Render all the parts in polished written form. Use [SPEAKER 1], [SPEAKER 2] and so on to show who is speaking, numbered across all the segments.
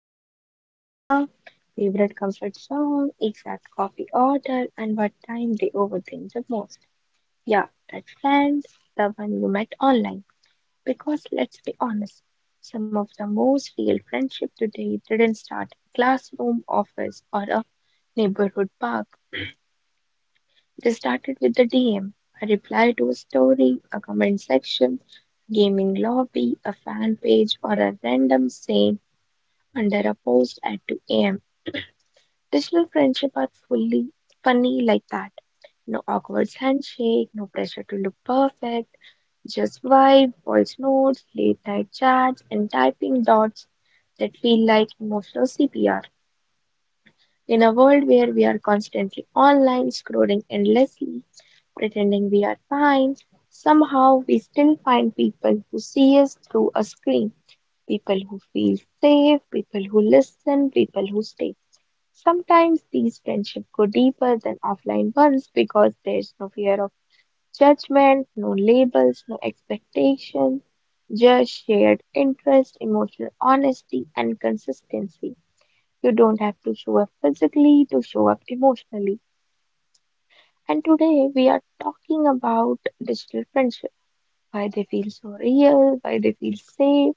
[SPEAKER 1] their deepest trauma, favorite comfort song, exact coffee order, and what time they overthink the most. Yeah, that friend, the one you met online. Because let's be honest, some of the most real friendship today didn't start in a classroom, office, or a neighborhood park. They started with the DM, a reply to a story, a comment section, gaming lobby, a fan page, or a random saying under a post at 2 a.m. Digital friendship are fully funny like that. No awkward handshake, no pressure to look perfect, just vibe, voice notes, late night chats, and typing dots that feel like emotional CPR. In a world where we are constantly online, scrolling endlessly, pretending we are fine, somehow we still find people who see us through a screen, people who feel safe, people who listen, people who stay. Sometimes these friendships go deeper than offline ones because there's no fear of judgment, no labels, no expectations, just shared interest, emotional honesty, and consistency. You don't have to show up physically to show up emotionally. And today we are talking about digital friendship, why they feel so real, why they feel safe,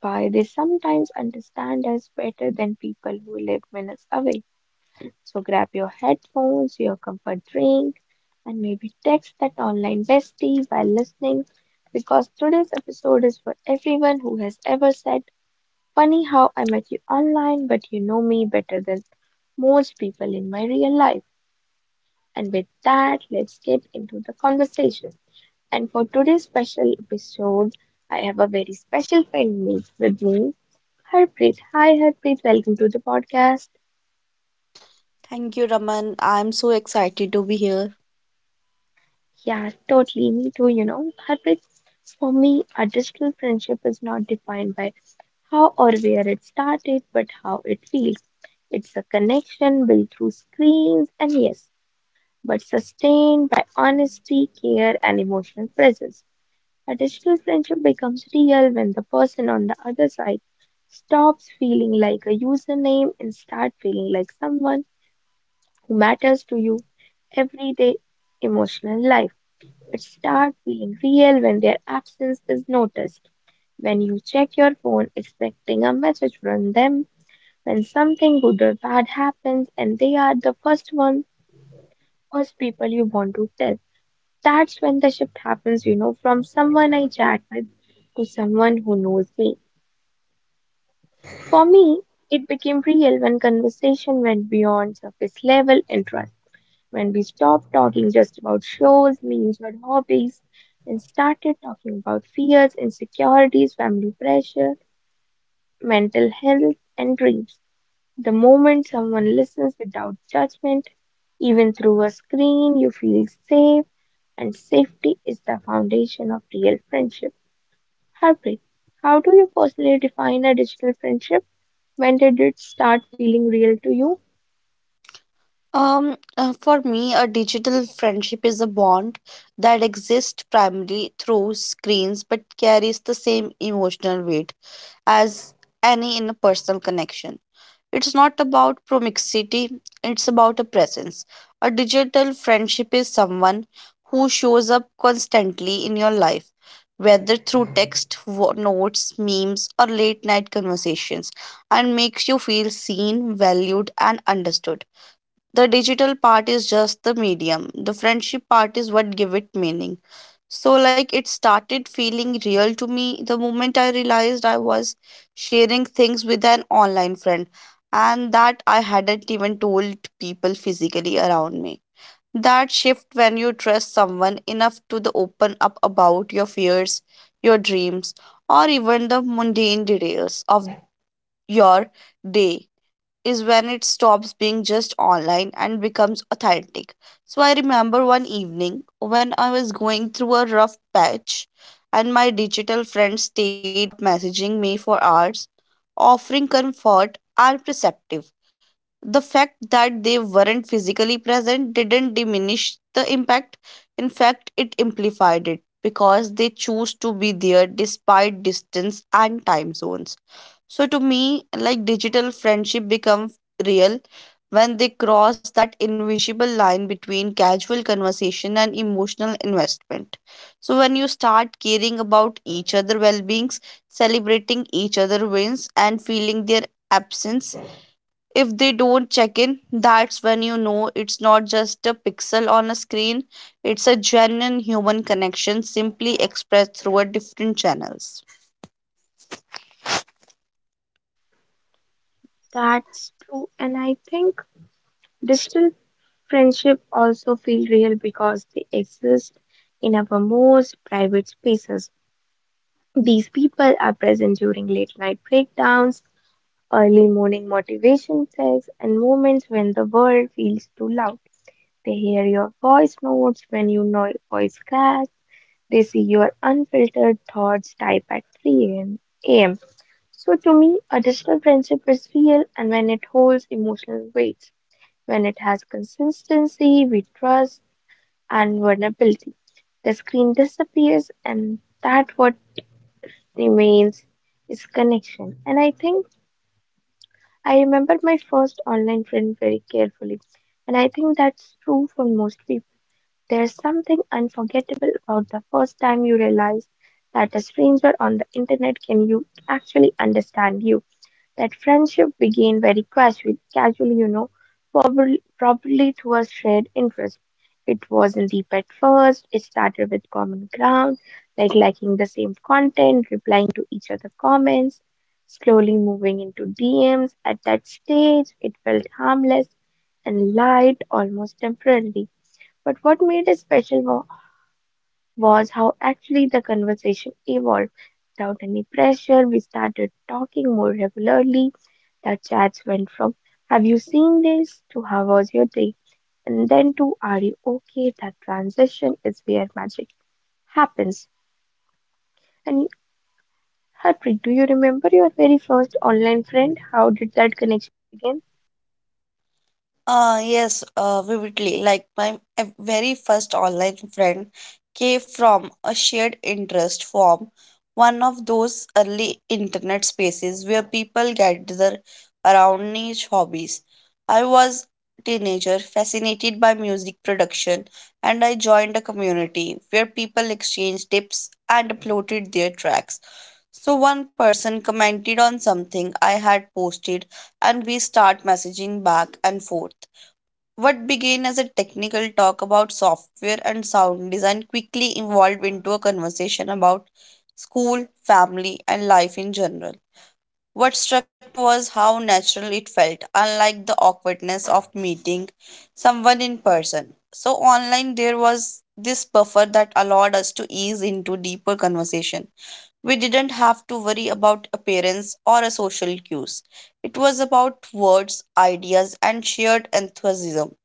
[SPEAKER 1] why they sometimes understand us better than people who live minutes away. So grab your headphones, your comfort drink, and maybe text that online bestie while listening, because today's episode is for everyone who has ever said, "Funny how I met you online, but you know me better than most people in my real life." And with that, let's get into the conversation. And for today's special episode, I have a very special friend with me, Harpreet. Hi, Harpreet. Welcome to the podcast.
[SPEAKER 2] Thank you, Raman. I'm so excited to be here.
[SPEAKER 1] Yeah, totally. Me too, you know. Heartbreak, for me, a digital friendship is not defined by how or where it started, but how it feels. It's a connection built through screens and yes, but sustained by honesty, care, and emotional presence. A digital friendship becomes real when the person on the other side stops feeling like a username and start feeling like someone who matters to you everyday emotional life. But start feeling real when their absence is noticed. When you check your phone expecting a message from them, when something good or bad happens and they are the first one, first people you want to tell. That's when the shift happens, you know, from someone I chat with to someone who knows me. For me, it became real when conversation went beyond surface level interest. When we stopped talking just about shows, memes, or hobbies and started talking about fears, insecurities, family pressure, mental health, and dreams. The moment someone listens without judgment, even through a screen, you feel safe, and safety is the foundation of real friendship. Harpreet, how do you personally define a digital friendship? When did it start feeling real to you?
[SPEAKER 2] For me, a digital friendship is a bond that exists primarily through screens but carries the same emotional weight as any in a personal connection. It's not about proximity, it's about a presence. A digital friendship is someone who shows up constantly in your life, whether through text, notes, memes, or late night conversations, and makes you feel seen, valued, and understood. The digital part is just the medium, the friendship part is what give it meaning. So like it started feeling real to me the moment I realized I was sharing things with an online friend and that I hadn't even told people physically around me. That shift when you trust someone enough to the open up about your fears, your dreams, or even the mundane details of your day is when it stops being just online and becomes authentic. So I remember one evening when I was going through a rough patch and my digital friends stayed up messaging me for hours, offering comfort and perspective. The fact that they weren't physically present didn't diminish the impact. In fact, it amplified it because they chose to be there despite distance and time zones. So to me, like digital friendship become real when they cross that invisible line between casual conversation and emotional investment. So when you start caring about each other well-beings, celebrating each other wins and feeling their absence if they don't check in, that's when you know it's not just a pixel on a screen, it's a genuine human connection simply expressed through a different channels.
[SPEAKER 1] That's true. And I think digital friendship also feel real because they exist in our most private spaces. These people are present during late night breakdowns, early morning motivation texts, and moments when the world feels too loud. They hear your voice notes when you know voice cracks. They see your unfiltered thoughts type at 3 a.m. a m. So to me, a digital friendship is real and when it holds emotional weight, when it has consistency, we trust, and vulnerability. The screen disappears, and that what remains is connection. And I think I remember my first online friend very carefully, and I think that's true for most people. There's something unforgettable about the first time you realize that a stranger on the internet can you actually understand you. That friendship began very casually, you know, probably through a shared interest. It wasn't deep at first. It started with common ground, like liking the same content, replying to each other's comments, slowly moving into DMs. At that stage, it felt harmless and light, almost temporarily. But what made it special was how actually the conversation evolved. Without any pressure, we started talking more regularly. The chats went from, "Have you seen this?" to "How was your day?" And then to, "Are you okay?" That transition is where magic happens. And Harpreet, do you remember your very first online friend? How did that connection begin?
[SPEAKER 2] Yes, vividly. Like my very first online friend came from a shared interest forum, one of those early internet spaces where people gather around niche hobbies. I was teenager fascinated by music production and I joined a community where people exchanged tips and uploaded their tracks. So one person commented on something I had posted and we start messaging back and forth. What began as a technical talk about software and sound design quickly evolved into a conversation about school, family, and life in general. What struck me was how natural it felt, unlike the awkwardness of meeting someone in person. So, online, there was this buffer that allowed us to ease into deeper conversation. We didn't have to worry about appearance or a social cues. It was about words, ideas, and shared enthusiasm.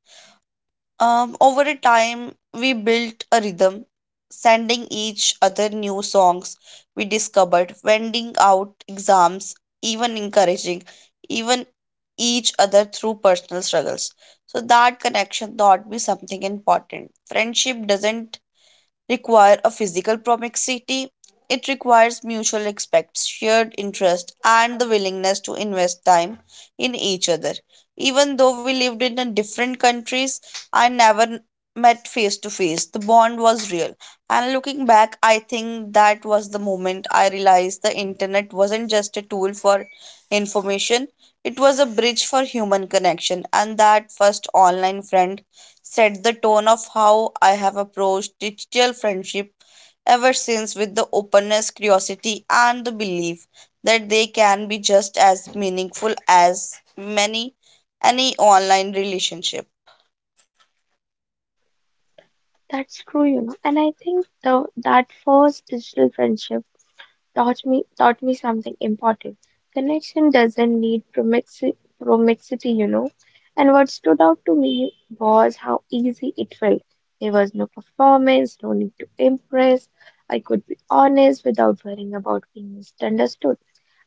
[SPEAKER 2] Over a time, we built a rhythm, sending each other new songs we discovered, vending out exams, even encouraging, even each other through personal struggles. So that connection taught me something important. Friendship doesn't require a physical proximity. It requires mutual respect, shared interest, and the willingness to invest time in each other. Even though we lived in a different countries and never met face to face, the bond was real. And looking back, I think that was the moment I realized the internet wasn't just a tool for information, it was a bridge for human connection. And that first online friend set the tone of how I have approached digital friendship ever since with the openness, curiosity, and the belief that they can be just as meaningful as many any online relationship.
[SPEAKER 1] That's true, you know. And I think the that first digital friendship taught me something important. Connection doesn't need promixity, you know. And what stood out to me was how easy it felt. There was no performance, no need to impress. I could be honest without worrying about being misunderstood.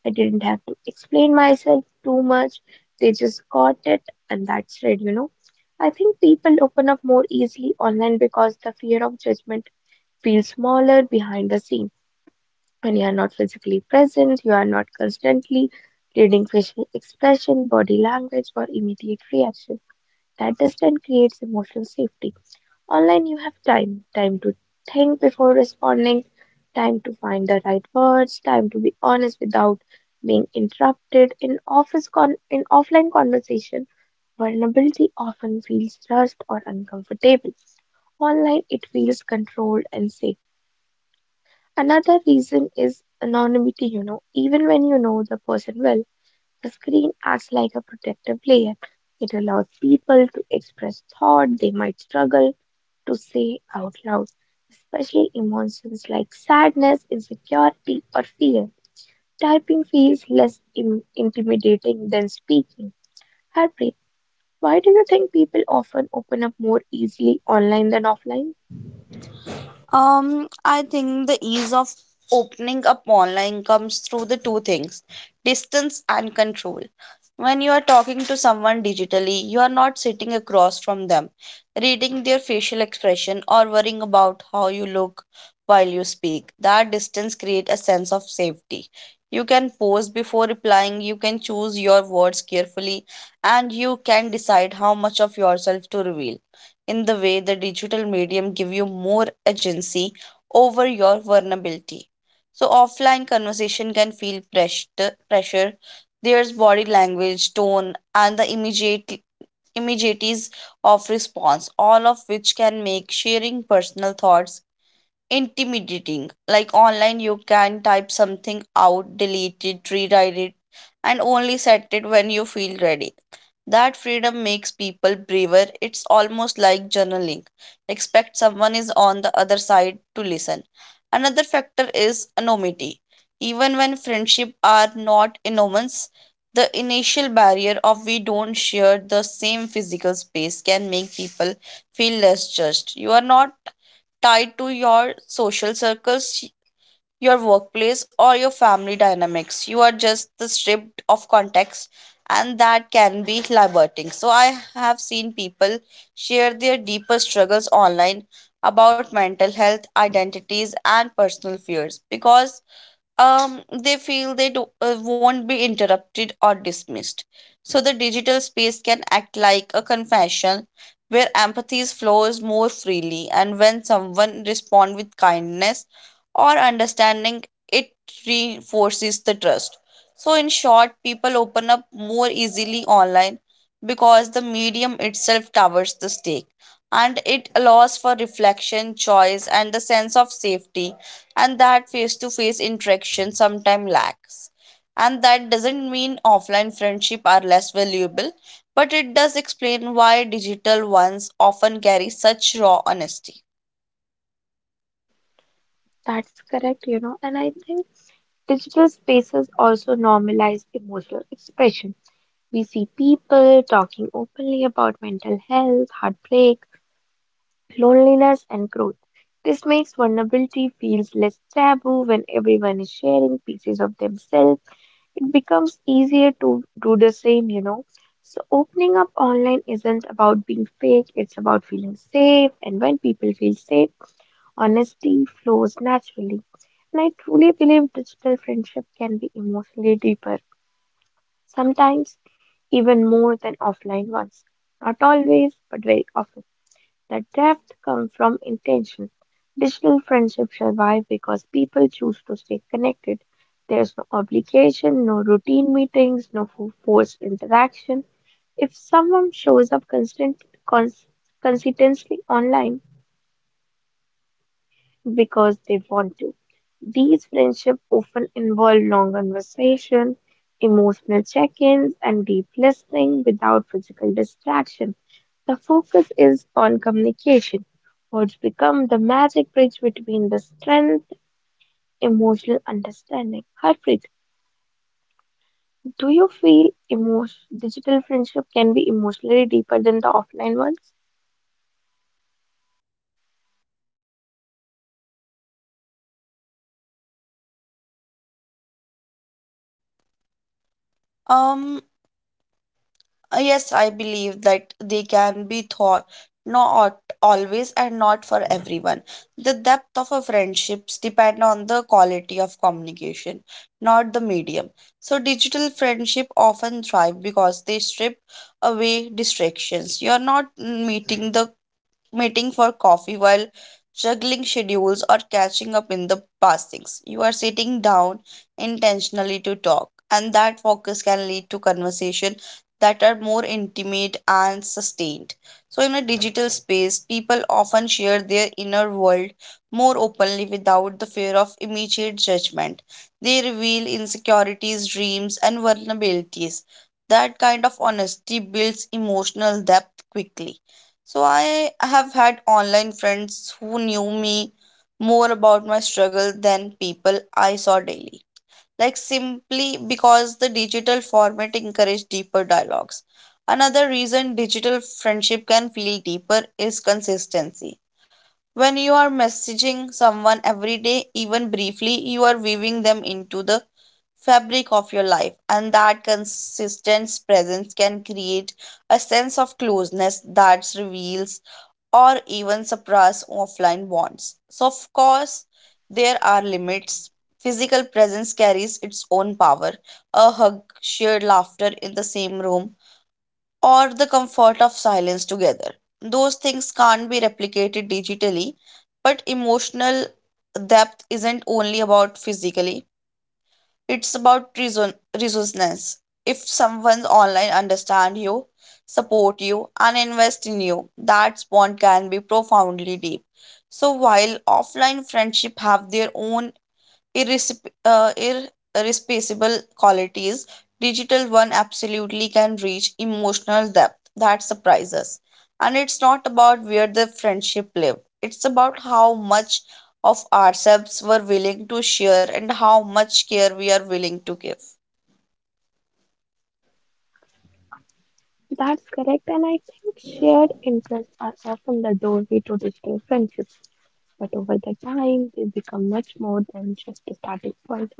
[SPEAKER 1] I didn't have to explain myself too much. They just caught it, and that's it, you know. I think people open up more easily online because the fear of judgment feels smaller behind the scenes. When you are not physically present, you are not constantly reading facial expression, body language, or immediate reaction. That distance creates emotional safety. Online, you have time to think before responding, time to find the right words, time to be honest without being interrupted. In offline conversation, vulnerability often feels rushed or uncomfortable. Online, it feels controlled and safe. Another reason is anonymity, you know. Even when you know the person well, the screen acts like a protective layer. It allows people to express thought they might struggle to say out loud, especially emotions like sadness, insecurity, or fear. Typing feels intimidating than speaking. Harpreet, why do you think people often open up more easily online than offline?
[SPEAKER 2] I think the ease of opening up online comes through the two things, distance and control. When you are talking to someone digitally, you are not sitting across from them, reading their facial expression, or worrying about how you look while you speak. That distance creates a sense of safety. You can pause before replying, you can choose your words carefully, and you can decide how much of yourself to reveal in the way the digital medium give you more agency over your vulnerability. So offline conversation can feel pressure. There's body language, tone, and the immediates of response, all of which can make sharing personal thoughts intimidating. Like online, you can type something out, delete it, rewrite it, and only set it when you feel ready, that freedom makes people braver. It's almost like journaling. Expect someone is on the other side to listen. Another factor is anonymity. Even when friendships are not enormous, the initial barrier of we don't share the same physical space can make people feel less judged. You are not tied to your social circles, your workplace or your family dynamics. You are just the stripped of context and that can be liberating. So I have seen people share their deeper struggles online about mental health, identities and personal fears because they feel they won't be interrupted or dismissed. So the digital space can act like a confession where empathy flows more freely, and when someone responds with kindness or understanding, it reinforces the trust. So, in short, people open up more easily online because the medium itself covers the stake and it allows for reflection, choice, and the sense of safety and that face to face interaction sometimes lacks. And that doesn't mean offline friendship are less valuable, but it does explain why digital ones often carry such raw honesty.
[SPEAKER 1] That's correct, you know, and I think digital spaces also normalize emotional expression. We see people talking openly about mental health, heartbreak, loneliness, and growth. This makes vulnerability feels less taboo when everyone is sharing pieces of themselves. It becomes easier to do the same, you know. So opening up online isn't about being fake, it's about feeling safe. And when people feel safe, honesty flows naturally. And I truly believe digital friendship can be emotionally deeper, sometimes even more than offline ones. Not always, but very often. The depth comes from intention. Digital friendships survive because people choose to stay connected. There's no obligation, no routine meetings, no forced interaction. If someone shows up cons- consistently online, because they want to. These friendships often involve long conversation, emotional check-ins, and deep listening without physical distraction. The focus is on communication, which become the magic bridge between the strength, emotional understanding. Harpreet, do you feel emo digital friendship can be emotionally deeper than the offline ones?
[SPEAKER 2] Um yes, I believe that they can be thought, not always and not for everyone. The depth of a friendships depend on the quality of communication, not the medium. So digital friendship often thrive because they strip away distractions. You're not meeting for coffee while juggling schedules or catching up in the past. You are sitting down intentionally to talk, and that focus can lead to conversation that are more intimate and sustained. So, in a digital space, people often share their inner world more openly without the fear of immediate judgment. They reveal insecurities, dreams, and vulnerabilities. That kind of honesty builds emotional depth quickly. So I have had online friends who knew me more about my struggle than people I saw daily. Like simply because the digital format encouraged deeper dialogues. Another reason digital friendship can feel deeper is consistency. When you are messaging someone every day, even briefly, you are weaving them into the fabric of your life, and that consistent presence can create a sense of closeness that reveals or even suppress offline bonds. So, of course, there are limits. Physical presence carries its own power. A hug, shared laughter in the same room, or the comfort of silence together. Those things can't be replicated digitally, but emotional depth isn't only about physically, it's about reason resourcefulness. If someone online understand you, support you, and invest in you, that bond can be profoundly deep. So while offline friendship have their own irresp- uh, irreplaceable qualities, digital one absolutely can reach emotional depth that surprises. And it's not about where the friendship lived, it's about how much of ourselves we're willing to share and how much care we are willing to give.
[SPEAKER 1] That's correct, and I think shared interests are often the doorway to digital friendships. But over the time, they become much more than just a starting point.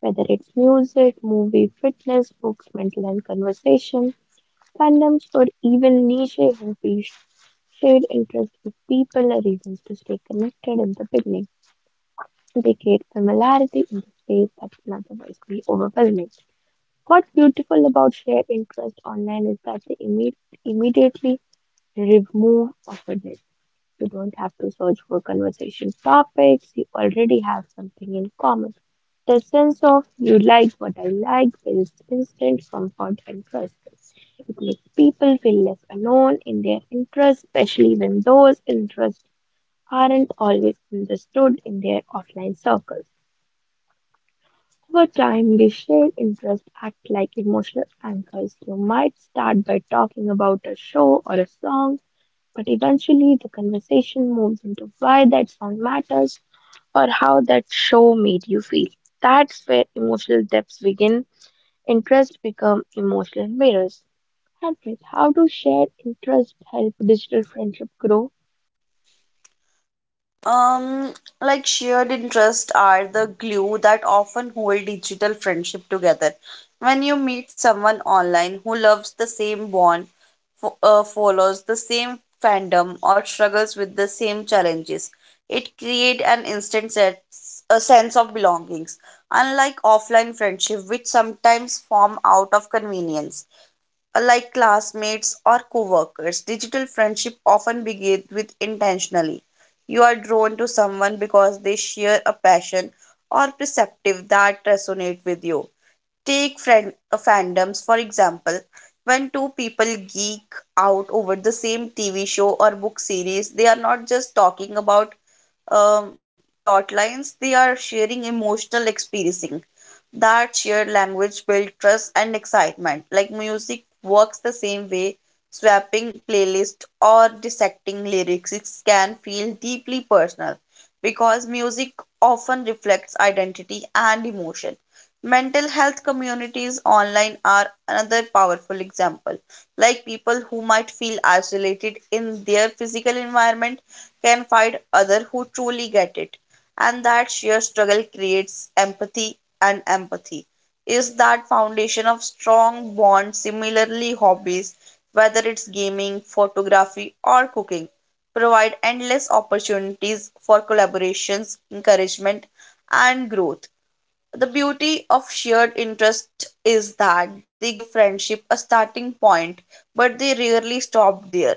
[SPEAKER 1] Whether it's music, movie, fitness, books, mental and conversation, fandoms, or even niche hobbies, shared interests give people a reason to stay connected in the beginning. They create familiarity in the space that can otherwise be overwhelming. What's beautiful about shared interest online is that they immediately remove offer it. You don't have to search for conversation topics. You already have something in common. The sense of you like what I like builds instant comfort and trust. It makes people feel less alone in their interests, especially when those interests aren't always understood in their offline circles. Over time, these shared interests act like emotional anchors. You might start by talking about a show or a song, but eventually, the conversation moves into why that song matters or how that show made you feel. That's where emotional depths begin. Interests become emotional mirrors. Harpreet, how do shared interests help digital friendship grow?
[SPEAKER 2] Um, like shared interests are the glue that often hold digital friendship together. When you meet someone online who loves the same bond, follows the same fandom, or struggles with the same challenges, it creates an a sense of belongings. Unlike offline friendship, which sometimes form out of convenience like classmates or coworkers, digital friendship often begins with intentionally. You are drawn to someone because they share a passion or perspective that resonate with you. Take friend fandoms for example. When two people geek out over the same TV show or book series, they are not just talking about um, plot lines; they are sharing emotional experiencing. That shared language builds trust and excitement. Like music works the same way. Swapping playlist or dissecting lyrics can feel deeply personal because music often reflects identity and emotion. Mental health communities online are another powerful example, like people who might feel isolated in their physical environment can find other who truly get it, and that shared struggle creates empathy, and empathy is that foundation of strong bonds. Similarly hobbies, whether it's gaming photography or cooking, provide endless opportunities for collaborations, encouragement and growth. The beauty of shared interest is that they give friendship a starting point, but they rarely stop there.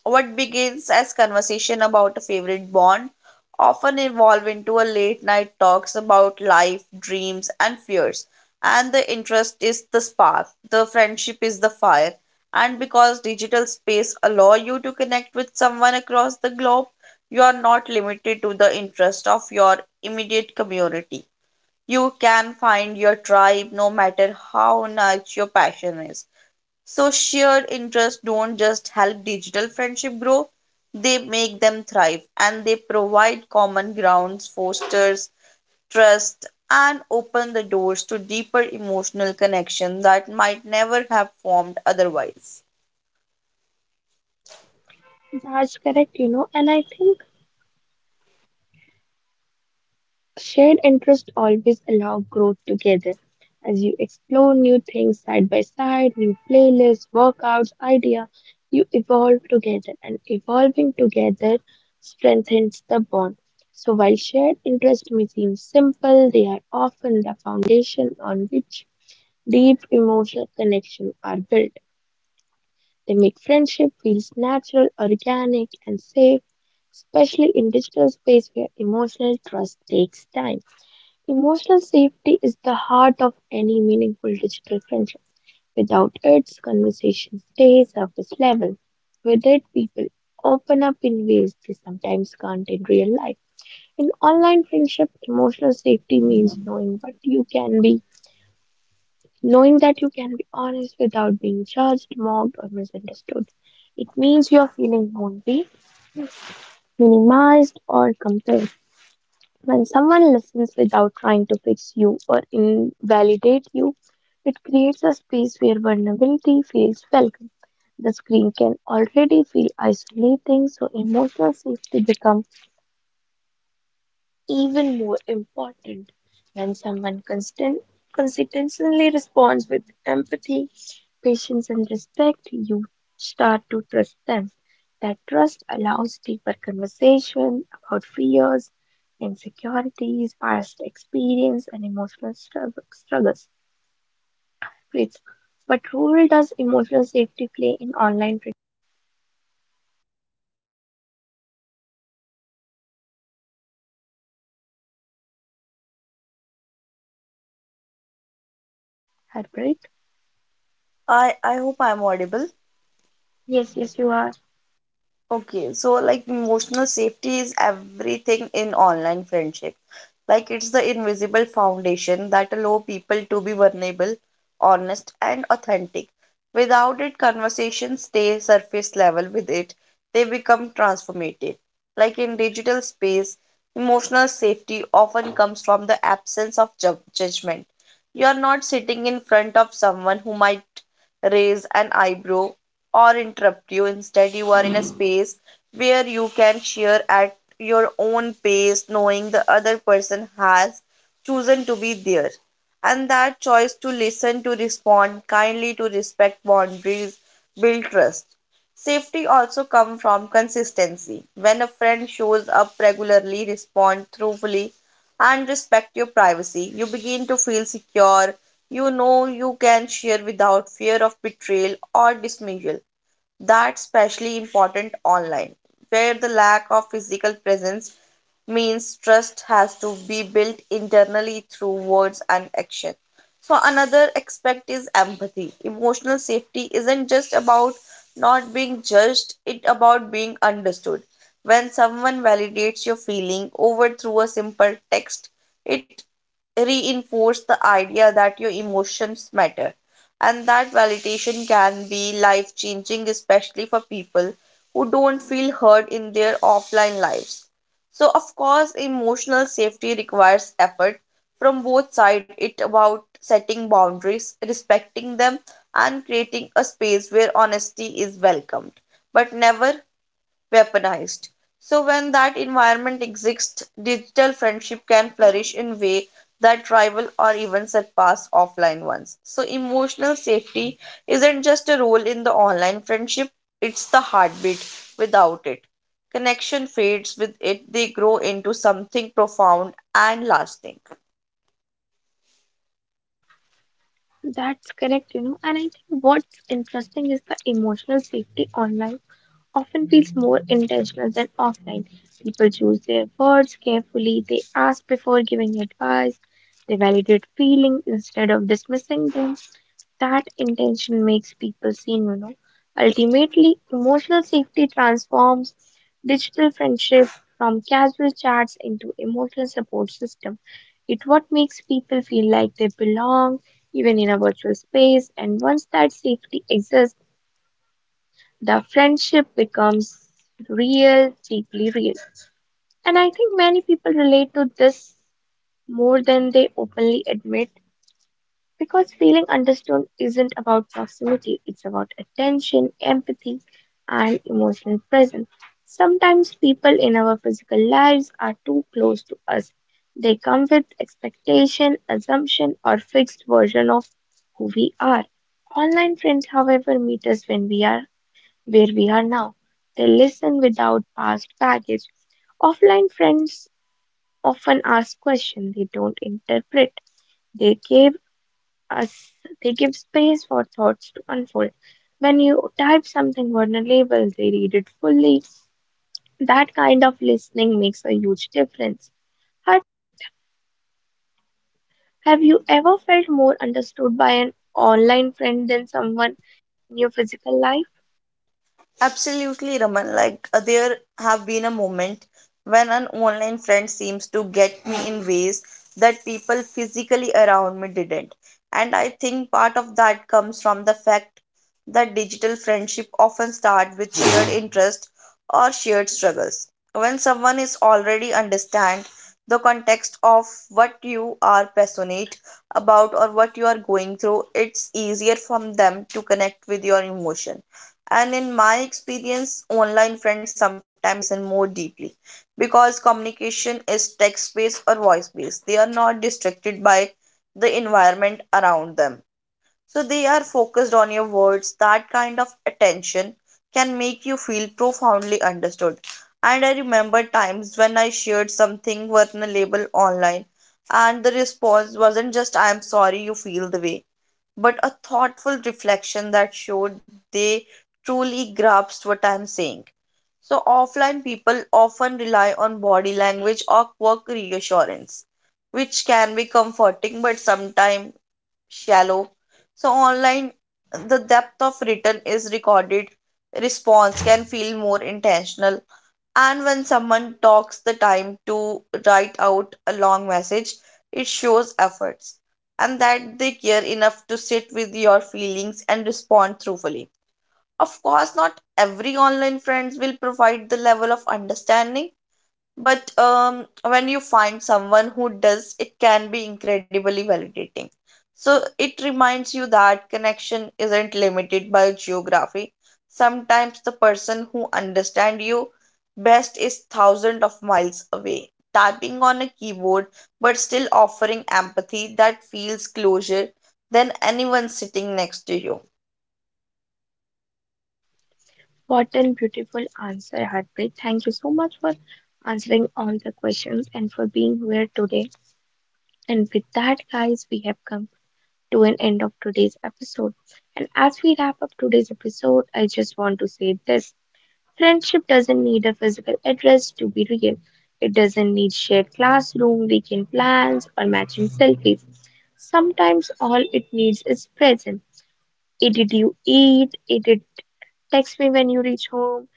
[SPEAKER 2] What begins as conversation about a favorite bond often evolve into a late night talks about life, dreams, and fears. And the interest is the spark, the friendship is the fire. And because digital space allow you to connect with someone across the globe, you are not limited to the interest of your immediate community, you can find your tribe no matter how niche your passion is. So, shared interests don't just help digital friendship grow, they make them thrive and they provide common grounds, fosters trust, and open the doors to deeper emotional connection that might never have formed otherwise.
[SPEAKER 1] That's correct, you know, and I think shared interests always allow growth together as you explore new things side by side, new playlists, workouts, idea, you evolve together and evolving together strengthens the bond. So while shared interests may seem simple, they are often the foundation on which deep emotional connections are built. They make friendship feels natural, organic and safe, especially in digital space where emotional trust takes time. Emotional safety is the heart of any meaningful digital friendship. Without it, conversations stay surface level. With it, people open up in ways they sometimes can't in real life. In online friendship, emotional safety means knowing what you can be, knowing that you can be honest without being judged, mocked, or misunderstood. It means your feelings won't be minimized or compared. When someone listens without trying to fix you or invalidate you, it creates a space where vulnerability feels welcome. The screen can already feel isolating, so emotional safety becomes even more important. When someone consistently responds with empathy, patience, and respect, you start to trust them. That trust allows deeper conversation about fears, insecurities, past experience, and emotional struggles. Breeds. What role does emotional safety play in heartbreak?
[SPEAKER 2] I hope I'm audible.
[SPEAKER 1] Yes, yes, you are.
[SPEAKER 2] Okay, so like emotional safety is everything in online friendship. Like it's the invisible foundation that allow people to be vulnerable, honest, and authentic. Without it, conversations stay surface level. With it, they become transformative. Like in digital space, emotional safety often comes from the absence of judgment. You are not sitting in front of someone who might raise an eyebrow or interrupt you. Instead, you are in a space where you can share at your own pace, knowing the other person has chosen to be there. And that choice to listen, to respond kindly, to respect boundaries, build trust. Safety also comes from consistency. When a friend shows up regularly, respond truthfully, and respect your privacy, you begin to feel secure. You know you can share without fear of betrayal or dismissal. That's especially important online, where the lack of physical presence means trust has to be built internally through words and action. So, another aspect is empathy. Emotional safety isn't just about not being judged, it's about being understood. When someone validates your feeling over through a simple text, it reinforces the idea that your emotions matter, and that validation can be life changing, especially for people who don't feel heard in their offline lives. So, of course, emotional safety requires effort from both sides. It about setting boundaries, respecting them, and creating a space where honesty is welcomed, but never weaponized. So when that environment exists, digital friendship can flourish in way that rival or even surpass offline ones. So emotional safety isn't just a role in the online friendship, it's the heartbeat without it. Connection fades with it, they grow into something profound and lasting.
[SPEAKER 1] That's correct, you know. And I think what's interesting is the emotional safety online often feels more intentional than offline. People choose their words carefully, they ask before giving advice, they validate feelings instead of dismissing them. That intention makes people seen, you know. Ultimately, emotional safety transforms digital friendship from casual chats into emotional support system. It what makes people feel like they belong even in a virtual space, and once that safety exists the friendship becomes real, deeply real. And I think many people relate to this more than they openly admit, because feeling understood isn't about proximity, it's about attention, empathy, and emotional presence. Sometimes people in our physical lives are too close to us. They come with expectation, assumption, or fixed version of who we are. Online friends, however, meet us when we are where we are now. They listen without past baggage. Offline friends often ask questions they don't interpret. They give us they give space for thoughts to unfold. When you type something vulnerable, they read it fully. That kind of listening makes a huge difference. Have, have you ever felt more understood by an online friend than someone in your physical life?
[SPEAKER 2] Absolutely, Raman. Like, there have been a moment when an online friend seems to get me in ways that people physically around me didn't. And I think part of that comes from the fact that digital friendship often start with shared interest or shared struggles. When someone is already understand the context of what you are passionate about or what you are going through, it's easier for them to connect with your emotion. And in my experience, online friends sometimes listen more deeply, because communication is text based or voice based, they are not distracted by the environment around them, so they are focused on your words. That kind of attention can make you feel profoundly understood. And I remember times when I shared something vulnerable online and the response wasn't just I am sorry you feel the way, but a thoughtful reflection that showed they truly grasped what I'm saying. So, offline people often rely on body language or work reassurance, which can be comforting but sometimes shallow. So, online, the depth of written is recorded response can feel more intentional, and when someone talks the time to write out a long message, it shows efforts and that they care enough to sit with your feelings and respond truthfully. Of course, not every online friends will provide the level of understanding, but when you find someone who does, it can be incredibly validating. So it reminds you that connection isn't limited by geography. Sometimes the person who understands you best is thousands of miles away, typing on a keyboard, but still offering empathy that feels closer than anyone sitting next to you.
[SPEAKER 1] What a beautiful answer, Harpreet. Thank you so much for answering all the questions and for being here today. And with that, guys, we have come to an end of today's episode. And as we wrap up today's episode, I just want to say this: friendship doesn't need a physical address to be real, it doesn't need shared classroom, weekend plans, or matching selfies. Sometimes all it needs is present. Hey, did you eat? Hey, did text me when you reach home?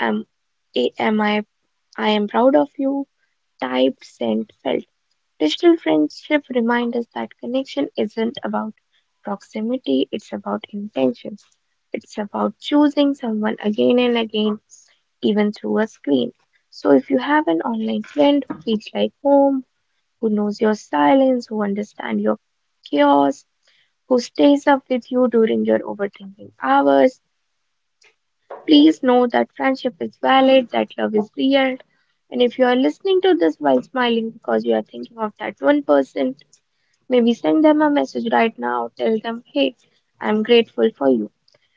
[SPEAKER 1] Am hey, am I am proud of you, typed, sent, felt. Digital friendship reminds us that connection isn't about proximity, it's about intentions. It's about choosing someone again and again, even through a screen. So if you have an online friend who feels like home, who knows your silence, who understands your chaos, who stays up with you during your overthinking hours, please know that friendship is valid, that love is real. And if you are listening to this while smiling because you are thinking of that one person, maybe send them a message right now. Tell them, "Hey, I'm grateful for you."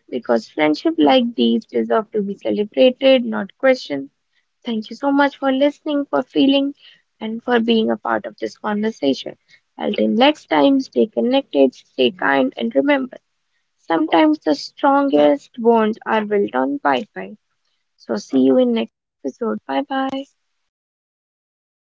[SPEAKER 1] Because friendship like these deserve to be celebrated, not questioned. Thank you so much for listening, for feeling, and for being a part of this conversation. Until next time, stay connected, stay kind, and remember sometimes the strongest bonds are built on Wi Fi. So see you in next episode. Bye bye.